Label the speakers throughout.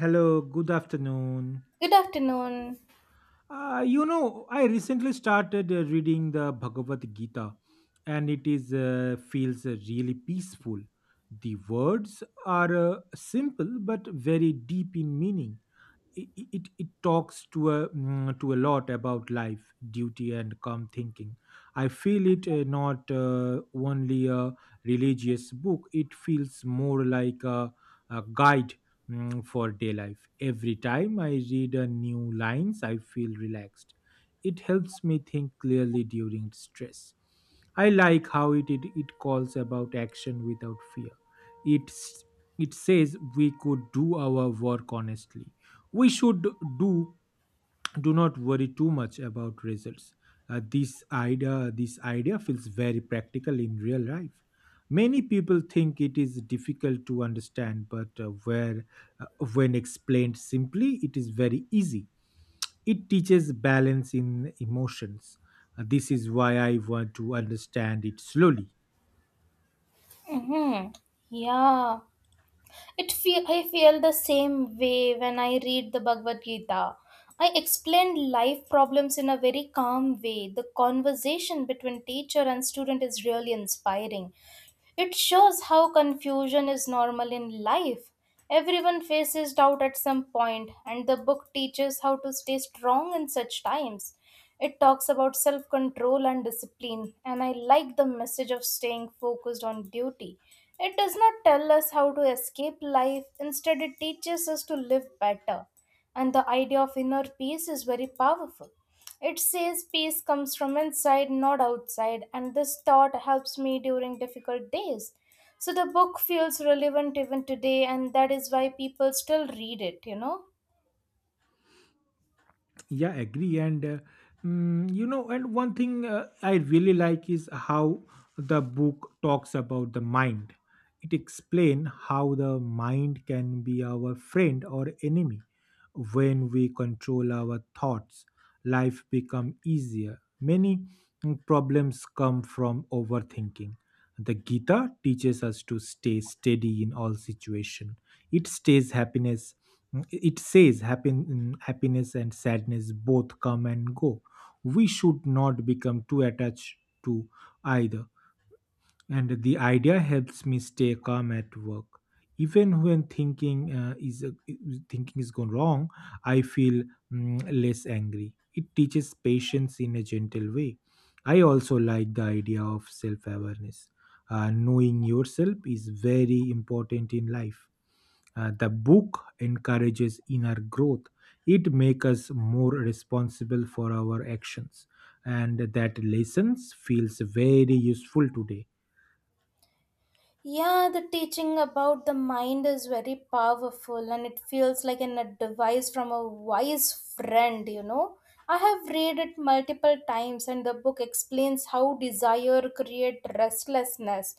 Speaker 1: Hello, good afternoon.
Speaker 2: Good afternoon.
Speaker 1: I recently started reading the Bhagavad Gita, and it is feels really peaceful. The words are simple but very deep in meaning. It talks to a to a lot about life, duty and calm thinking. I feel it not only a religious book. It feels more like a guide for day life. Every time I read a new lines I feel relaxed. It helps me think clearly during stress. I like how it calls about action without fear. It's, it says we could do our work honestly. We should do do not worry too much about results. This idea feels very practical in real life. Many people think it is difficult to understand, but where uh, when explained simply it is very easy. It teaches balance in emotions. This is why I want to understand it slowly.
Speaker 2: Hmm, Yeah, it feel I feel the same way when I read the Bhagavad Gita. I explain life problems in a very calm way. The conversation between teacher and student is really inspiring. It shows how confusion is normal in life. Everyone faces doubt at some point, and the book teaches how to stay strong in such times. It talks about self control and discipline, and I like the message of staying focused on duty. It does not tell us how to escape life. Instead, it teaches us to live better. And the idea of inner peace is very powerful. It says peace comes from inside, not outside, and this thought helps me during difficult days. So the book feels relevant even today, and that is why people still read it, you know.
Speaker 1: Yeah, agree, and mm, you know and one thing I really like is how the book talks about the mind. It explains how the mind can be our friend or enemy. When we control our thoughts, life become easier. Many problems come from overthinking. The Gita teaches us to stay steady in all situation. It stays happiness. It says happiness and sadness both come and go. We should not become too attached to either. And the idea helps me stay calm at work. Even when thinking is gone wrong, I feel less angry. It teaches patience in a gentle way. I also like the idea of self awareness. Knowing yourself is very important in life. The book encourages inner growth. It makes us more responsible for our actions, and that lessons feels very useful today.
Speaker 2: Yeah, the teaching about the mind is very powerful and it feels like an advice from a wise friend, you know. I have read it multiple times and the book explains how desire create restlessness.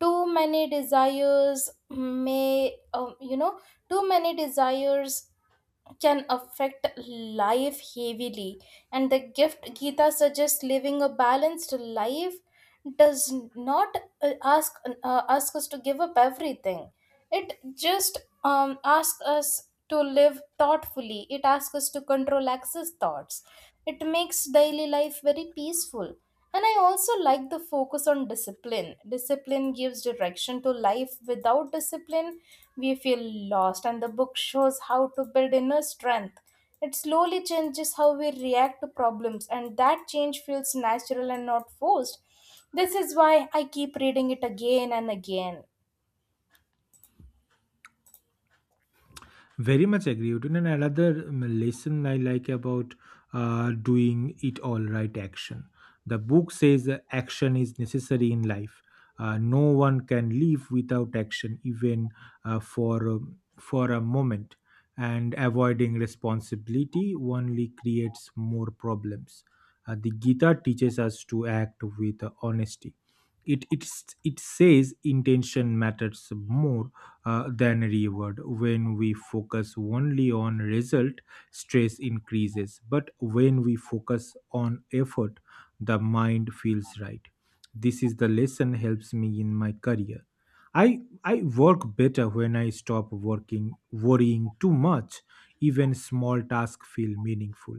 Speaker 2: Too many desires may, um, you know, Too many desires can affect life heavily and the gift gita suggests living a balanced life. Does not ask ask us to give up everything. It just asks us to live thoughtfully, it asks us to control excess thoughts. It makes daily life very peaceful. And I also like the focus on discipline. Discipline gives direction to life. Without discipline, we feel lost, and the book shows how to build inner strength. It slowly changes how we react to problems, and that change feels natural and not forced. This is why I keep reading it again and again.
Speaker 1: Very much agree with you. And another lesson I like about doing it all right action. The book says that action is necessary in life. No one can live without action, even for a moment. And avoiding responsibility only creates more problems. The Gita teaches us to act with honesty. It says intention matters more than reward. When we focus only on result, stress increases. But when we focus on effort, the mind feels right. This is the lesson helps me in my career. I work better when I stop working worrying too much. Even small tasks feel meaningful.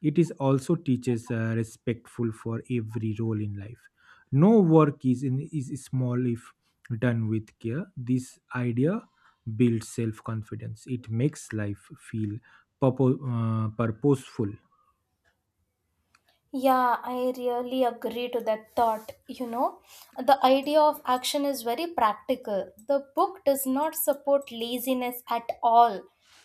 Speaker 1: It is also teaches respectful for every role in life. No work is small if done with care. This idea builds self confidence. It makes life feel purposeful.
Speaker 2: Yeah, I really agree to that thought. You know, the idea of action is very practical. The book does not support laziness at all.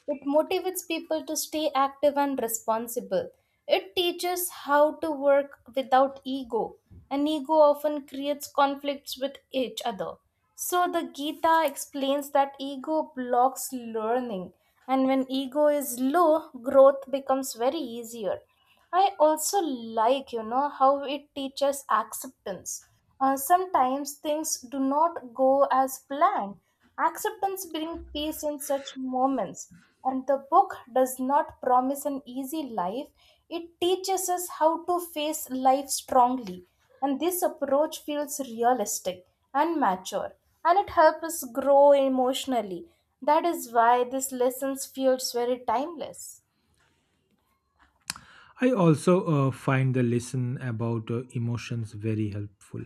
Speaker 2: It motivates people to stay active and responsible. It teaches how to work without ego, and ego often creates conflicts with each other. So the Gita explains that ego blocks learning, and when ego is low, growth becomes very easier. I also like, you know, how it teaches acceptance. Sometimes things do not go as planned. Acceptance brings peace in such moments. And the book does not promise an easy life, it teaches us how to face life strongly. And this approach feels realistic and mature, and it helps us grow emotionally. That is why these lessons feels very timeless.
Speaker 1: I also find the lesson about emotions very helpful.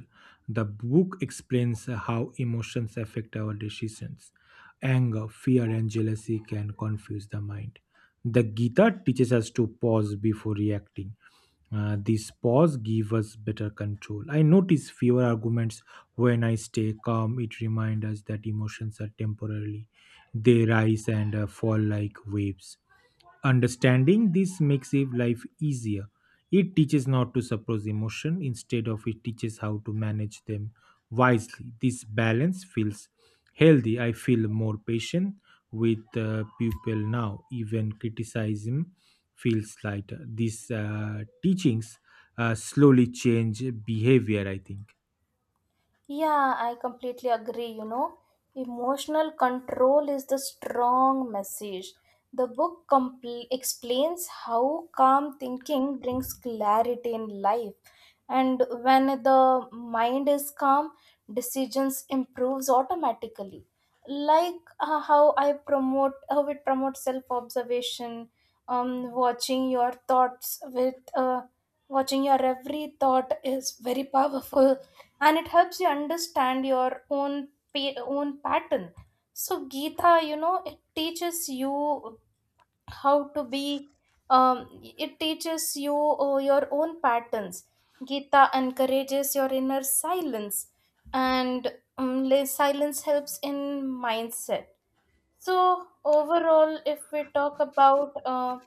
Speaker 1: The book explains how emotions affect our decisions. Anger, fear, and jealousy can confuse the mind. The Gita teaches us to pause before reacting. This pause gives us better control. I notice fewer arguments when I stay calm. It reminds us that emotions are temporary, they rise and fall like waves. Understanding this makes if life easier. It teaches not to suppress emotion, instead of it teaches how to manage them wisely. This balance feels healthy. I feel more patient with people now. Even criticism feels lighter. These teachings slowly change behavior, I think.
Speaker 2: Yeah, I completely agree. You know, emotional control is the strong message. The book explains how calm thinking brings clarity in life. And when the mind is calm, decisions improves automatically. Like how it promotes self-observation, um, watching your thoughts with, uh, watching your every thought is very powerful and it helps you understand your own own pattern. So gita, you know, it teaches you how to be, it teaches you your own patterns. Gita encourages your inner silence and, silence helps in mindset. So overall, if we talk about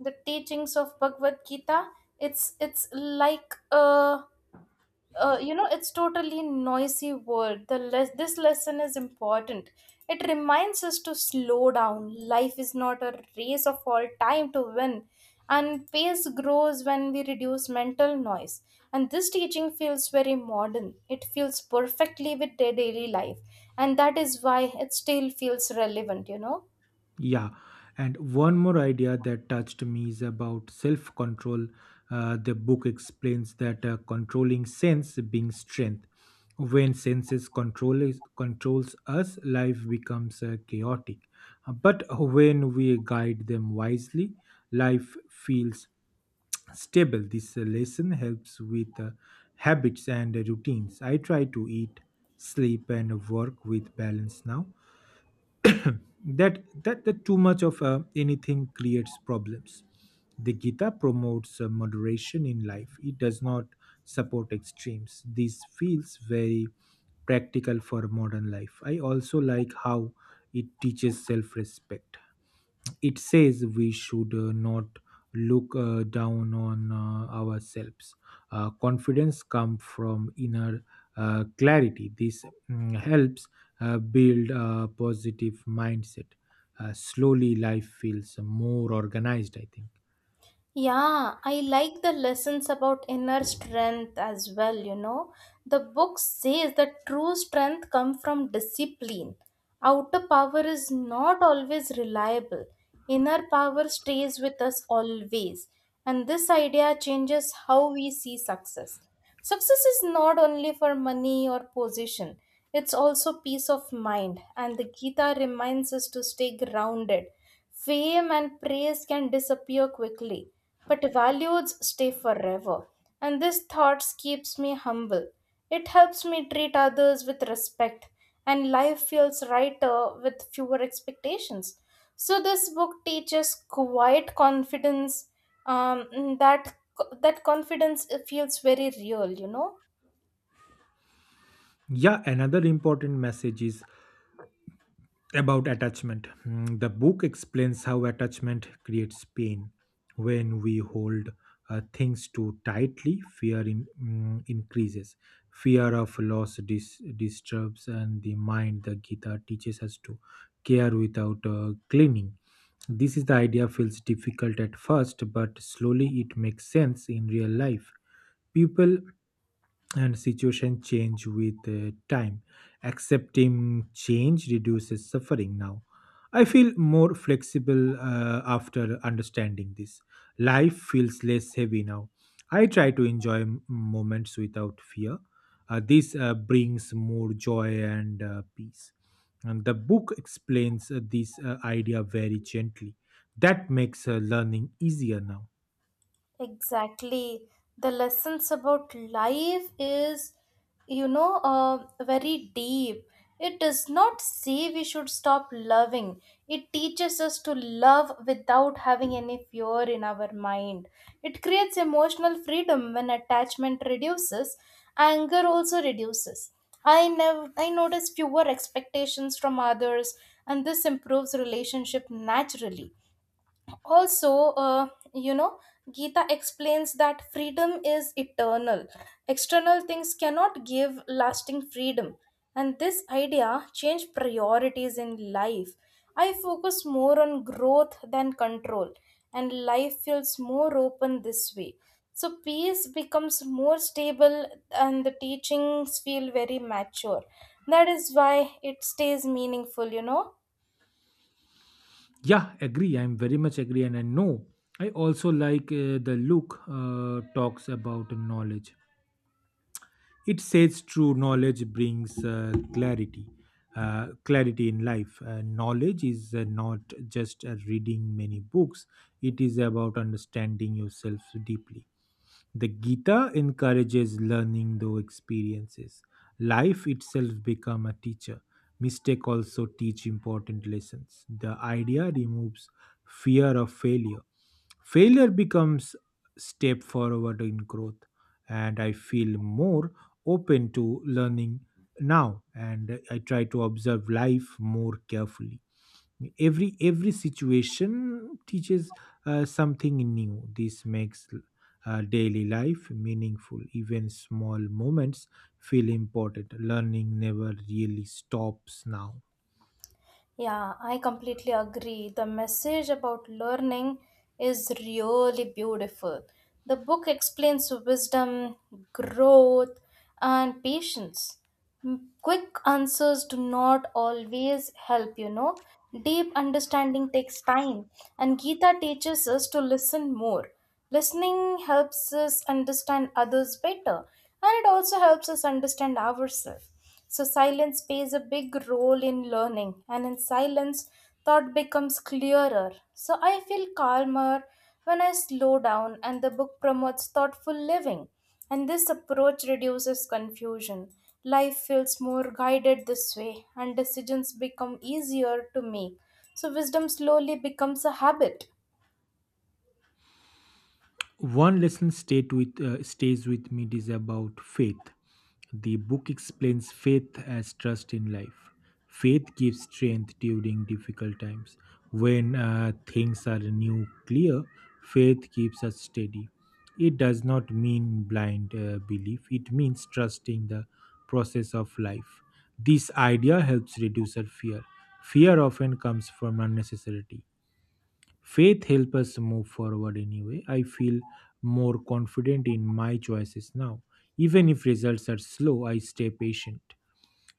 Speaker 2: the teachings of Bhagavad Gita, it's like a, you know, it's totally noisy world. The this lesson is important. It reminds us to slow down. Life is not a race of all time to win, and pace grows when we reduce mental noise. And this teaching feels very modern, it feels perfectly with their daily life, and that is why it still feels relevant, you know.
Speaker 1: Yeah, and one more idea that touched me is about self control. The book explains that controlling sense being strength. When controls us, life becomes chaotic. But when we guide them wisely, life feels stable. This lesson helps with habits and routines. I try to eat, sleep, and work with balance now. That too much of anything creates problems. The Gita promotes moderation in life. It does not support extremes. This feels very practical for modern life. I also like how it teaches self-respect. It says we should not look down on ourselves. Confidence comes from inner clarity. This helps build a positive mindset. Slowly, life feels more organized, I think.
Speaker 2: Yeah, I like the lessons about inner strength as well, you know. The book says that true strength comes from discipline. Outer power is not always reliable. Inner power stays with us always. And this idea changes how we see success. Success is not only for money or position, it's also peace of mind. And the Gita reminds us to stay grounded. Fame and praise can disappear quickly, but values stay forever. And this thought keeps me humble. It helps me treat others with respect, and life feels lighter with fewer expectations. So this book teaches quiet confidence. Um, that that confidence feels very real, you know.
Speaker 1: Yeah, another important message is about attachment. The book explains how attachment creates pain. When we hold things too tightly, fear increases. Fear of loss disturbs and the mind. The Gita teaches us to care without clinging. This is the idea feels difficult at first, but slowly it makes sense in real life. People and situation change with time. Accepting change reduces suffering. Now I feel more flexible after understanding this. Life feels less heavy now. I try to enjoy moments without fear. This brings more joy and peace. And the book explains this idea very gently. That makes learning easier now.
Speaker 2: Exactly. The lessons about life is, you know, very deep. It does not say we should stop loving. It teaches us to love without having any fear in our mind. It creates emotional freedom. When attachment reduces, anger also reduces. I never I notice fewer expectations from others, and this improves relationship naturally. Also, you know, Gita explains that freedom is eternal. External things cannot give lasting freedom, and this idea changed priorities in life. I focus more on growth than control, and life feels more open this way. So peace becomes more stable, and the teachings feel very mature. That is why it stays meaningful, you know.
Speaker 1: Yeah, agree. I'm very much agree, and I know. I also like the Luke talks about knowledge. It says true knowledge brings clarity, clarity in life. Knowledge is not just reading many books. It is about understanding yourself deeply. The Gita encourages learning through experiences. Life itself become a teacher. Mistake also teach important lessons. The idea removes fear of failure. Failure becomes step forward in growth, and I feel more open to learning now. And I try to observe life more carefully. Every situation teaches something new. This makes daily life meaningful. Even small moments feel important. Learning never really stops now.
Speaker 2: Yeah, I completely agree. The message about learning is really beautiful. The book explains wisdom, growth, and patience. Quick answers do not always help, you know. Deep understanding takes time, and Gita teaches us to listen more. Listening helps us understand others better, and it also helps us understand ourselves. So silence plays a big role in learning, and in silence, thought becomes clearer. So I feel calmer when I slow down, and the book promotes thoughtful living. And this approach reduces confusion. Life feels more guided this way, and decisions become easier to make. So wisdom slowly becomes a habit.
Speaker 1: One lesson stays with me is about faith. The book explains faith as trust in life. Faith gives strength during difficult times. When things are new clear, faith keeps us steady. It does not mean blind belief, it means trusting the process of life. This idea helps reduce our fear. Fear often comes from unnecessary. Faith helps us move forward anyway. I feel more confident in my choices now. Even if results are slow, I stay patient.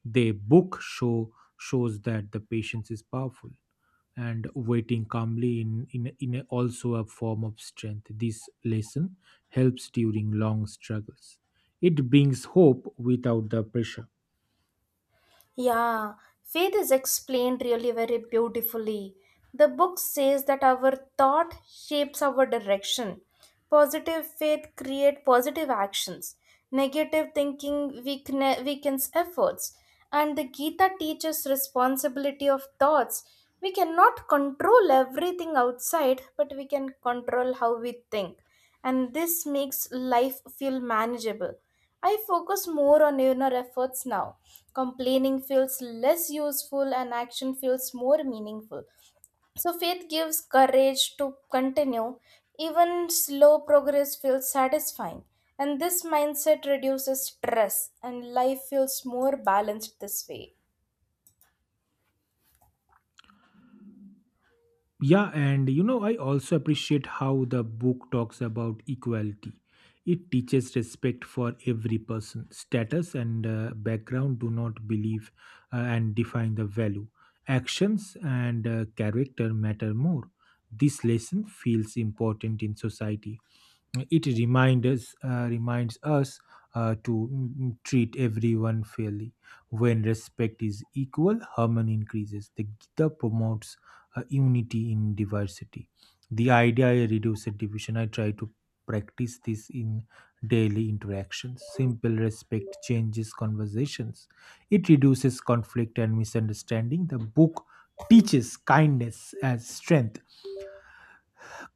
Speaker 1: The book shows that the patience is powerful, and waiting calmly also a form of strength. This lesson helps during long struggles. It brings hope without the pressure.
Speaker 2: Yeah, faith is explained really very beautifully. The book says that our thought shapes our direction. Positive faith create positive actions. Negative thinking weakens efforts. And the Gita teaches responsibility of thoughts. We cannot control everything outside, but we can control how we think. And this makes life feel manageable. I focus more on inner efforts now. Complaining feels less useful and action feels more meaningful. So faith gives courage to continue. Even slow progress feels satisfying. And this mindset reduces stress and life feels more balanced this way.
Speaker 1: Yeah, and you know, I also appreciate how the book talks about equality. It teaches respect for every person. Status and background do not believe and define the value. Actions and character matter more. This lesson feels important in society. It reminds us to treat everyone fairly. When respect is equal, harmony increases. The Gita promotes unity in diversity. The idea I reduce division. I try to practice this in daily interactions. Simple respect changes conversations. It reduces conflict and misunderstanding. The book teaches kindness as strength.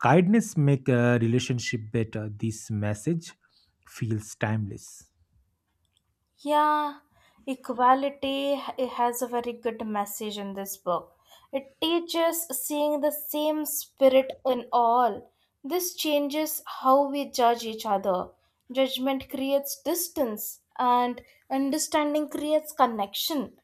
Speaker 1: Kindness make a relationship better. This message feels timeless.
Speaker 2: Yeah, equality it has a very good message in this book. It teaches seeing the same spirit in all. This changes how we judge each other. Judgment creates distance, and understanding creates connection.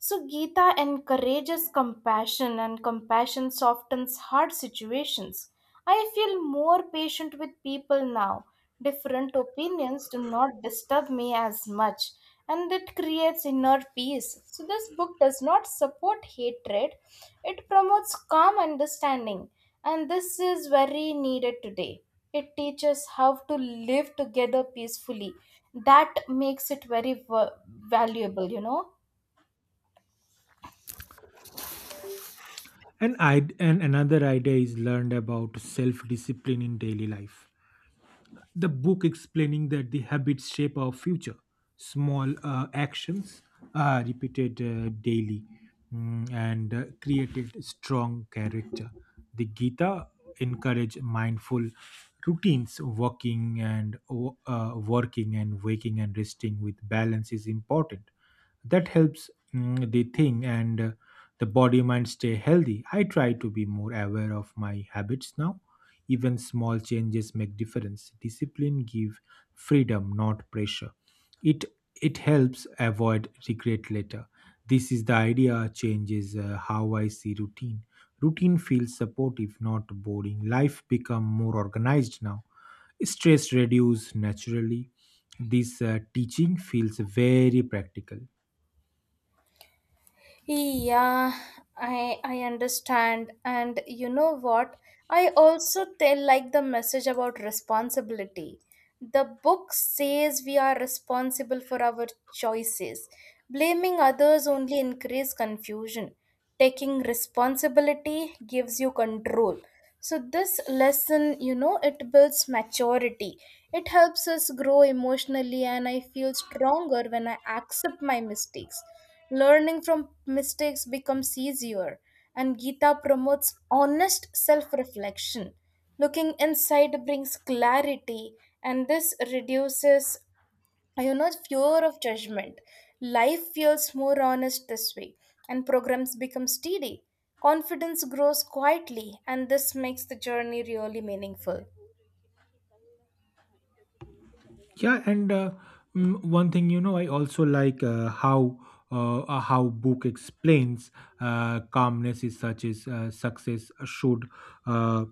Speaker 2: So Gita encourages compassion, and compassion softens hard situations. I feel more patient with people now. Different opinions do not disturb me as much, and it creates inner peace. So this book does not support hatred, it promotes calm understanding, and this is very needed today. It teaches how to live together peacefully. That makes it very valuable, you know.
Speaker 1: And I and another idea is learned about self discipline in daily life. The book explaining that the habits shape our future. Small actions are repeated daily and created strong character. The Gita encourage mindful routines. Walking and working and waking and resting with balance is important. That helps the thing and the body mind stay healthy. I try to be more aware of my habits now. Even small changes make difference. Discipline give freedom, not pressure. it it helps avoid regret later. This is the idea changes how I see routine. Routine feels supportive, not boring. Life become more organized now. Stress reduce naturally. This teaching feels very practical.
Speaker 2: Yeah, I understand. And you know what? I also tell like the message about responsibility. The book says we are responsible for our choices. Blaming others only increases confusion. Taking responsibility gives you control. So this lesson, you know, it builds maturity. It helps us grow emotionally, and I feel stronger when I accept my mistakes. Learning from mistakes becomes easier, and Gita promotes honest self reflection. Looking inside brings clarity, and this reduces, you know, fear of judgment. Life feels more honest this way, and programs become steady. Confidence grows quietly, and this makes the journey really meaningful.
Speaker 1: Yeah, one thing, you know, I also like how book explains calmness is such as success uh,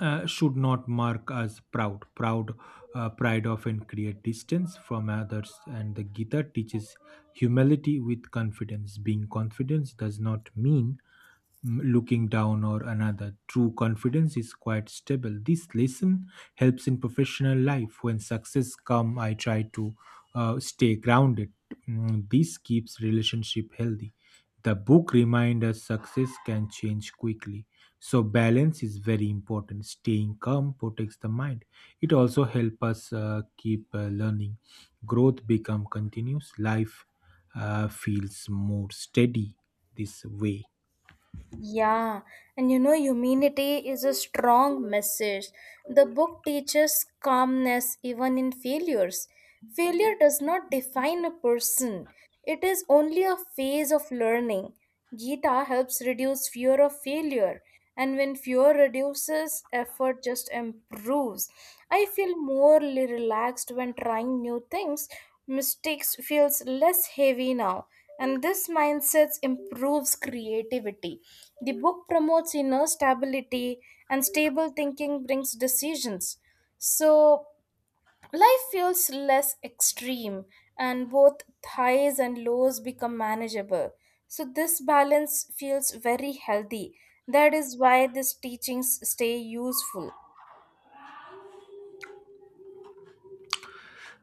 Speaker 1: should not mark us proud. Pride often create distance from others, and the Gita teaches humility with confidence. Being confident does not mean looking down or another. True confidence is quite stable. This lesson helps in professional life. When success come, I try to stay grounded. This keeps relationship healthy. The book reminds us success can change quickly, so balance is very important. Staying calm protects the mind. It also helps us keep learning. Growth become continuous. Life feels more steady this way.
Speaker 2: Yeah, and you know, humility is a strong message. The book teaches calmness even in failures. Failure does not define a person, it is only a phase of learning. Gita helps reduce fear of failure, and when fear reduces, effort just improves. I feel more relaxed when trying new things. Mistakes feels less heavy now, and this mindset improves creativity. The book promotes inner stability, and stable thinking brings decisions. So life feels less extreme, and both highs and lows become manageable. So this balance feels very healthy. That is why these teachings stay useful.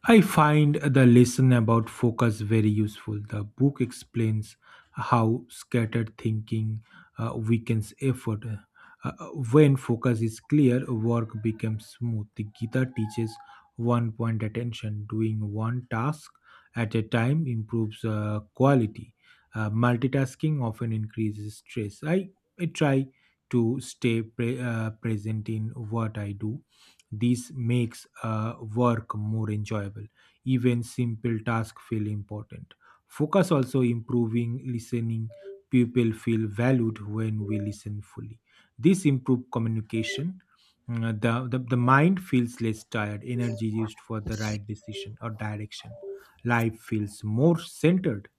Speaker 1: I find the lesson about focus very useful. The book explains how scattered thinking weakens effort. Uh, when focus is clear, work becomes smooth. The Gita teaches one point attention. Doing one task at a time improves quality. Multitasking often increases stress. I try to stay present in what I do. This makes work more enjoyable. Even simple tasks feel important. Focus also improving listening. People feel valued when we listen fully. This improve communication. The mind feels less tired, energy used for the right decision or direction. Life feels more centered.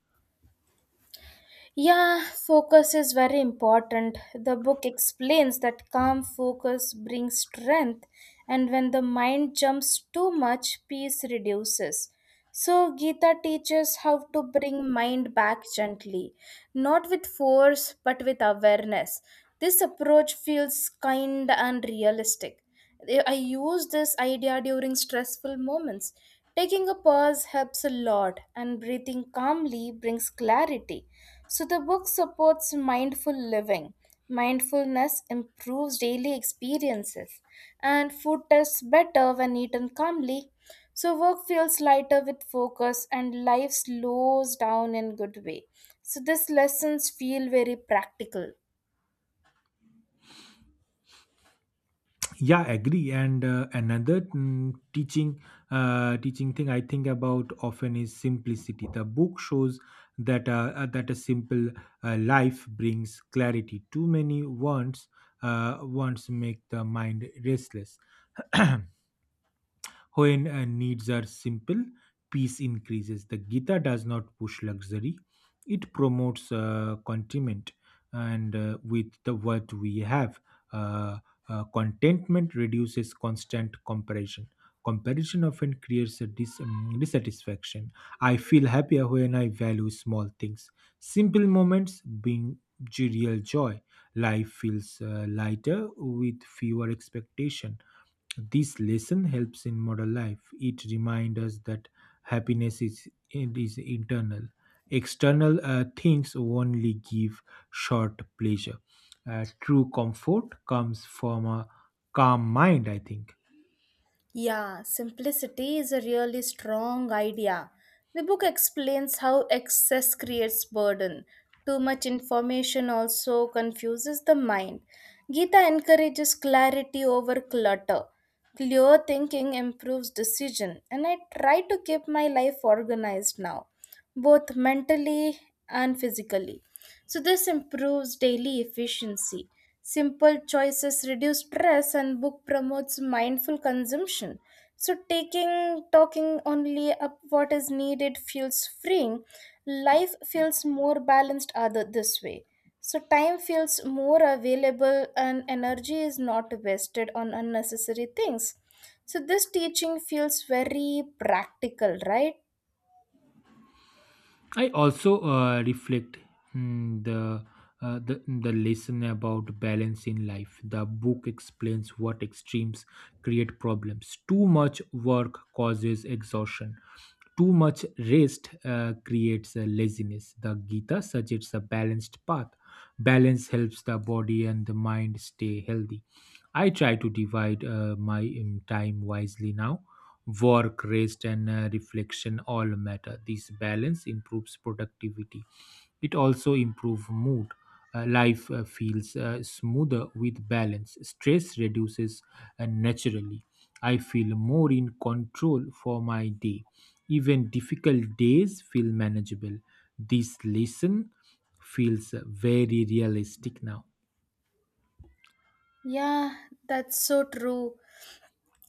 Speaker 2: Yeah, focus is very important. The book explains that calm focus brings strength, and when the mind jumps too much, peace reduces. So Gita teaches how to bring mind back gently, not with force but with awareness. This approach feels kind and realistic. I use this idea during stressful moments. Taking a pause helps a lot, and breathing calmly brings clarity. So the book supports mindful living. Mindfulness improves daily experiences, and food tastes better when eaten calmly. So work feels lighter with focus, and life slows down in good way. So these lessons feel very practical.
Speaker 1: Yeah, agree. And Another teaching thing I think about often is simplicity. The book shows that that a simple life brings clarity. Too many wants, wants make the mind restless. When needs are simple, peace increases. The Gita does not push luxury, it promotes contentment and with the what we have. Uh, Contentment reduces constant comparison. Comparison often creates a dissatisfaction. I feel happier when I value small things. Simple moments bring real joy. Life feels lighter with fewer expectations. This lesson helps in modern life. It reminds us that happiness is, it is internal. External things only give short pleasure. True comfort comes from a calm mind, I think.
Speaker 2: Yeah, simplicity is a really strong idea. The book explains how excess creates burden. Too much information also confuses the mind. Gita encourages clarity over clutter. Clear thinking improves decision, and I try to keep my life organized now, both mentally and physically. So this improves daily efficiency. Simple choices reduce stress and book promotes mindful consumption. So taking talking only up what is needed feels freeing. Life feels more balanced other this way. So time feels more available and energy is not wasted on unnecessary things. So this teaching feels very practical, right?
Speaker 1: I also reflect mm, the, the lesson about balance in life. The book explains what extremes create problems. Too much work causes exhaustion. Too much rest creates laziness. The Gita suggests a balanced path. Balance helps the body and the mind stay healthy. I try to divide my time wisely now. Work, rest, and reflection all matter. This balance improves productivity. It also improves mood. Life feels smoother with balance. Stress reduces naturally. I feel more in control for my day. Even difficult days feel manageable. This lesson feels very realistic now.
Speaker 2: Yeah, that's so true,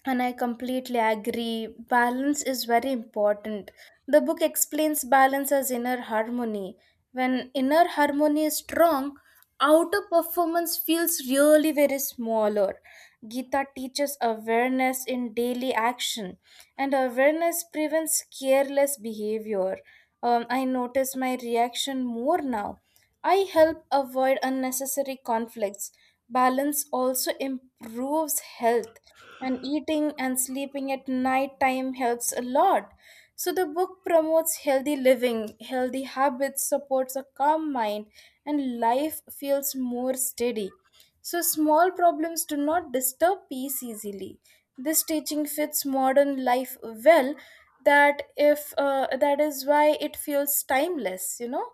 Speaker 2: and I completely agree. Balance is very important. The book explains balance as inner harmony. When inner harmony is strong, outer performance feels really very smaller. Gita teaches awareness in daily action and awareness prevents careless behavior. I notice my reaction more now. I help avoid unnecessary conflicts. Balance also improves health, and eating and sleeping at night time helps a lot. So, the book promotes healthy living, healthy habits, supports a calm mind, and life feels more steady. So, small problems do not disturb peace easily. This teaching fits modern life well. That if That is why it feels timeless, you know.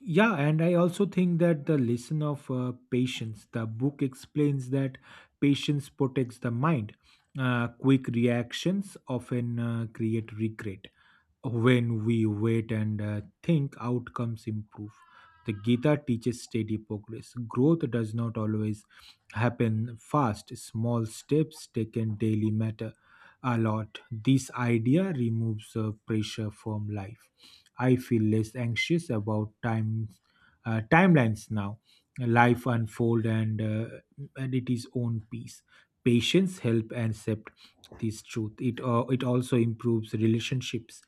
Speaker 1: Yeah, and I also think that the lesson of patience, the book explains that patience protects the mind. Quick reactions often create regret. When we wait and think, outcomes improve. The Gita teaches steady progress. Growth does not always happen fast. Small steps taken daily matter a lot. This idea removes pressure from life. I feel less anxious about times, timelines now. Life unfold and it is own peace. Patience help and accept this truth. It also improves relationships.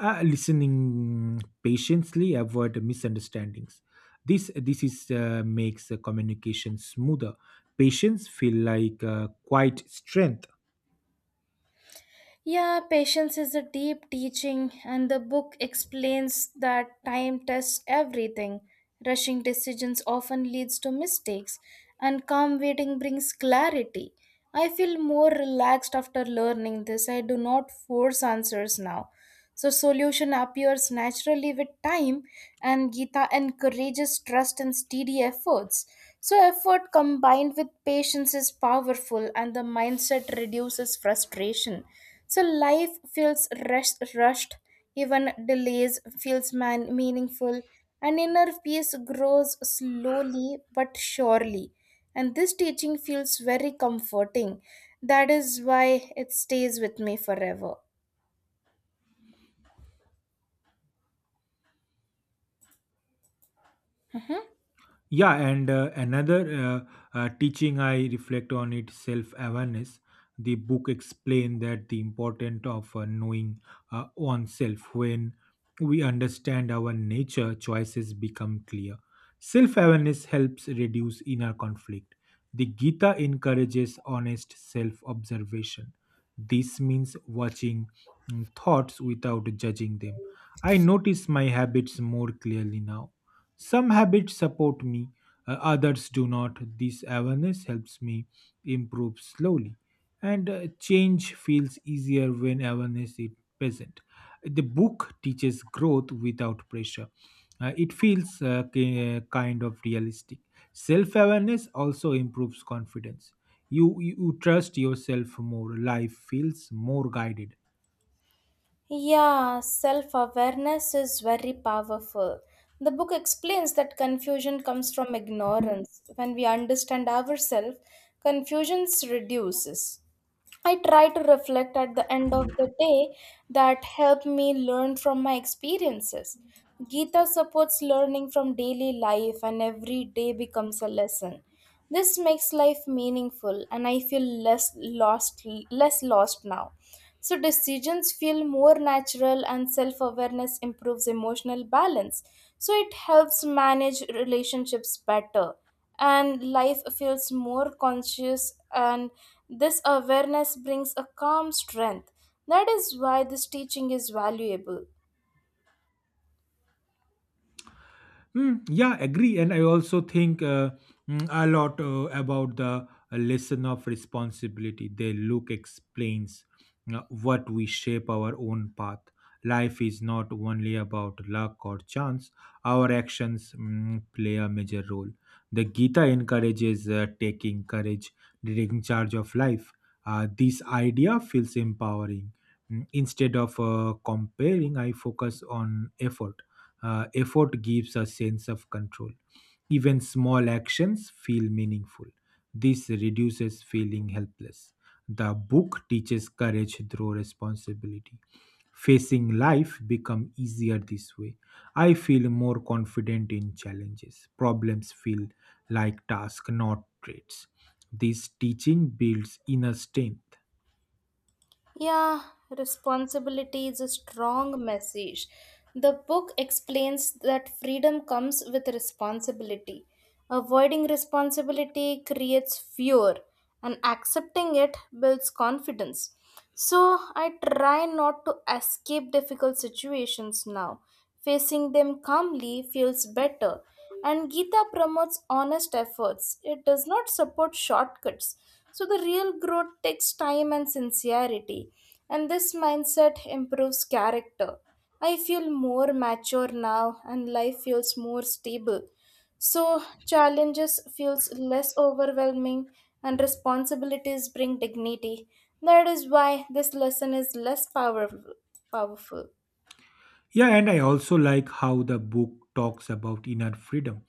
Speaker 1: Listening patiently avoid misunderstandings. This is makes the communication smoother. Patience feel like quite strength.
Speaker 2: Yeah, patience is a deep teaching, and the book explains that time tests everything. Rushing decisions often leads to mistakes, and calm waiting brings clarity. I feel more relaxed after learning this. I do not force answers now. So, solution appears naturally with time, and Gita encourages trust and steady efforts. So, effort combined with patience is powerful, and the mindset reduces frustration. So, life feels rushed, even delays feels meaningful, and inner peace grows slowly but surely. And this teaching feels very comforting. That is why it stays with me forever. Mhm.
Speaker 1: Yeah, and another teaching I reflect on it self awareness. The book explained that the importance of knowing oneself. When we understand our nature, choices become clear. Self awareness helps reduce inner conflict. The Gita encourages honest self observation. This means watching thoughts without judging them. I notice my habits more clearly now. Some habits support me, others do not. This awareness helps me improve slowly, and change feels easier when awareness is present. The book teaches growth without pressure. It feels kind of realistic. Self awareness also improves confidence. You trust yourself more. Life feels more guided.
Speaker 2: Yeah, self awareness is very powerful. The book explains that confusion comes from ignorance. When we understand ourselves, confusion reduces. I try to reflect at the end of the day. That help me learn from my experiences. Gita supports learning from daily life and every day becomes a lesson. This makes life meaningful, and I feel less lost, less lost now. So decisions feel more natural, and self-awareness improves emotional balance. So it helps manage relationships better, and life feels more conscious, and this awareness brings a calm strength. That is why this teaching is valuable.
Speaker 1: Yeah, agree. And I also think a lot about the lesson of responsibility. The Luke explains what we shape our own path. Life is not only about luck or chance, our actions play a major role. The Gita encourages taking charge of life. This idea feels empowering. Instead of comparing, I focus on effort. Uh, effort gives a sense of control. Even small actions feel meaningful. This reduces feeling helpless. The book teaches courage through responsibility. Facing life become easier this way. I feel more confident in challenges. Problems feel like tasks, not traits. This teaching builds inner strength.
Speaker 2: Yeah, responsibility is a strong message. The book explains that freedom comes with responsibility. Avoiding responsibility creates fear, and accepting it builds confidence. So, I try not to escape difficult situations now. Facing them calmly feels better. And Gita promotes honest efforts, it does not support shortcuts. So, the real growth takes time and sincerity, and this mindset improves character. I feel more mature now, and life feels more stable. So, challenges feels less overwhelming, and responsibilities bring dignity. That is why this lesson is less powerful. Powerful.
Speaker 1: Yeah, and I also like how the book talks about inner freedom.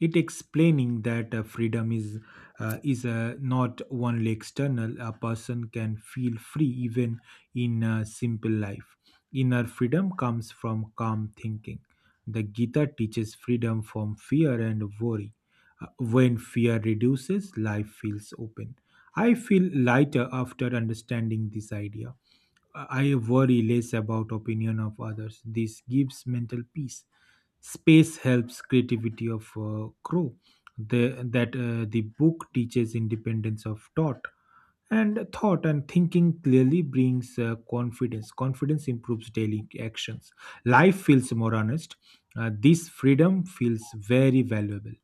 Speaker 1: It explaining that freedom is not only external. A person can feel free even in a simple life. Inner freedom comes from calm thinking. The Gita teaches freedom from fear and worry. When fear reduces, life feels open. I feel lighter after understanding this idea. I worry less about opinion of others. This gives mental peace. Space helps creativity of crew. The book teaches independence of thought and thinking clearly brings confidence. Confidence improves daily actions. Life feels more honest. This freedom feels very valuable.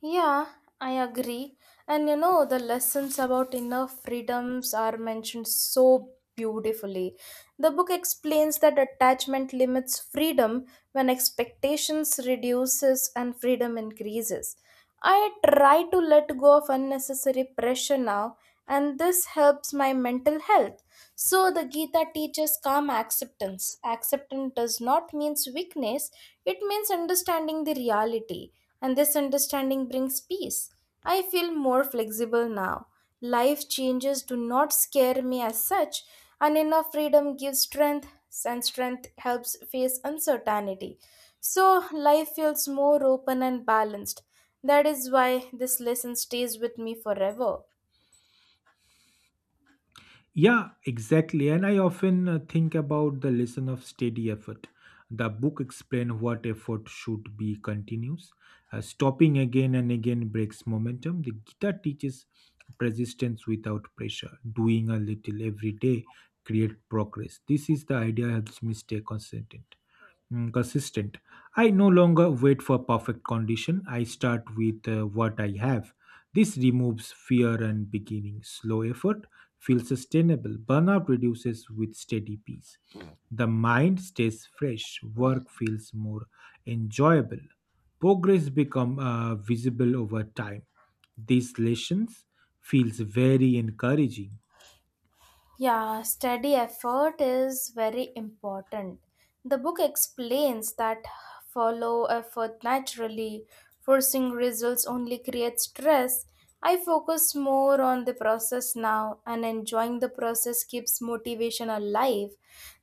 Speaker 2: Yeah, I agree. And you know, the lessons about inner freedoms are mentioned so beautifully. The book explains that attachment limits freedom when expectations reduces and freedom increases. I try to let go of unnecessary pressure now, and this helps my mental health. So the Gita teaches calm acceptance. Acceptance does not mean weakness, it means understanding the reality, and this understanding brings peace. I feel more flexible now. Life changes do not scare me as such, and inner freedom gives strength, and strength helps face uncertainty. So life feels more open and balanced. That is why this lesson stays with me forever.
Speaker 1: Yeah, exactly. And I often think about the lesson of steady effort. The book explains what effort should be continuous. Stopping again and again breaks momentum. The guitar teaches persistence without pressure. Doing a little every day create progress. This is the idea helps me stay consistent. Consistent. I no longer wait for perfect condition. I start with what I have. This removes fear and beginning. Slow effort feel sustainable. Burnout reduces with steady peace. The mind stays fresh, work feels more enjoyable. Progress become visible over time. These lessons feels very encouraging.
Speaker 2: Yeah, steady effort is very important. The book explains that follow effort naturally, forcing results only creates stress. I focus more on the process now, and enjoying the process keeps motivation alive.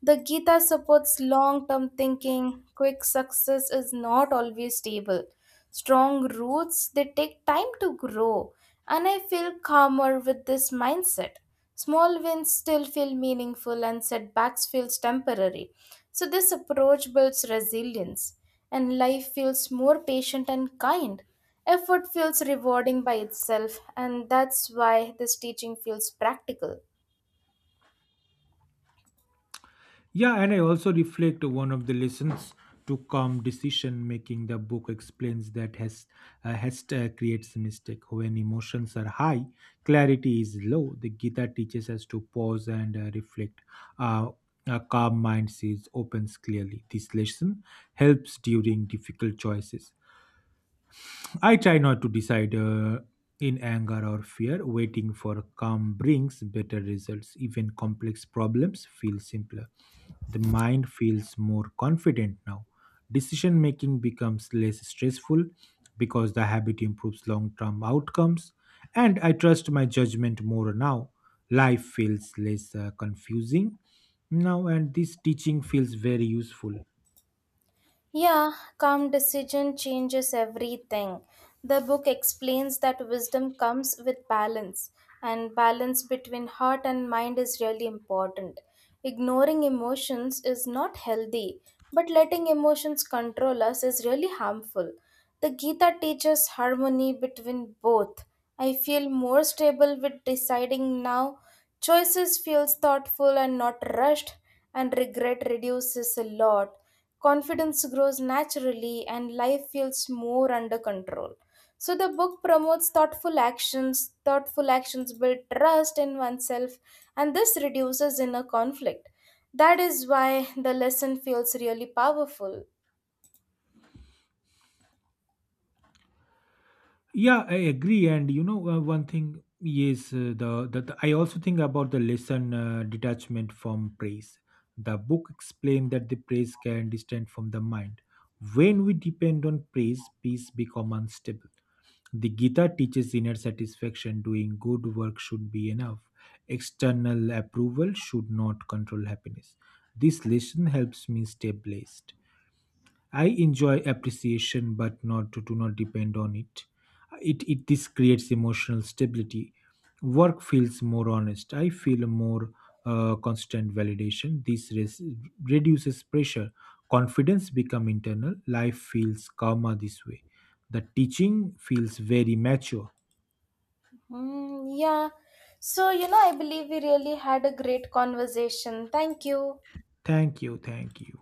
Speaker 2: The Gita supports long term thinking. Quick success is not always stable. Strong roots, they take time to grow, and I feel calmer with this mindset. Small wins still feel meaningful and setbacks feels temporary. So this approach builds resilience and life feels more patient and kind. Effort feels rewarding by itself, and that's why this teaching feels practical.
Speaker 1: Yeah, and I also reflect one of the lessons to calm decision making. The book explains that hast creates mistake. When emotions are high, clarity is low. The Gita teaches us to pause and reflect. Uh, a calm mind sees opens clearly. This lesson helps during difficult choices. I try not to decide in anger or fear. Waiting for calm brings better results. Even complex problems feel simpler. The mind feels more confident now. Decision making becomes less stressful because the habit improves long term outcomes. And I trust my judgment more now. Life feels less confusing now, and this teaching feels very useful.
Speaker 2: Yeah, calm decision changes everything. The book explains that wisdom comes with balance, and balance between heart and mind is really important. Ignoring emotions is not healthy, but letting emotions control us is really harmful. The Gita teaches harmony between both. I feel more stable with deciding now. Choices feels thoughtful and not rushed, and regret reduces a lot. Confidence grows naturally, and life feels more under control. So the book promotes thoughtful actions. Thoughtful actions build trust in oneself, and this reduces inner conflict. That is why the lesson feels really powerful.
Speaker 1: Yeah, I agree. And you know, one thing is I also think about the lesson detachment from praise. The book explained that the praise can distant from the mind. When we depend on praise, peace become unstable. The Gita teaches inner satisfaction. Doing good work should be enough. External approval should not control happiness. This lesson helps me stay blessed. I enjoy appreciation, but not to do not depend on it. It this creates emotional stability. Work feels more honest. I feel a more constant validation. Reduces pressure. Confidence become internal. Life feels calmer this way. The teaching feels very mature.
Speaker 2: Hmm. Yeah. So, you know, I believe we really had a great conversation. Thank you.
Speaker 1: Thank you. Thank you.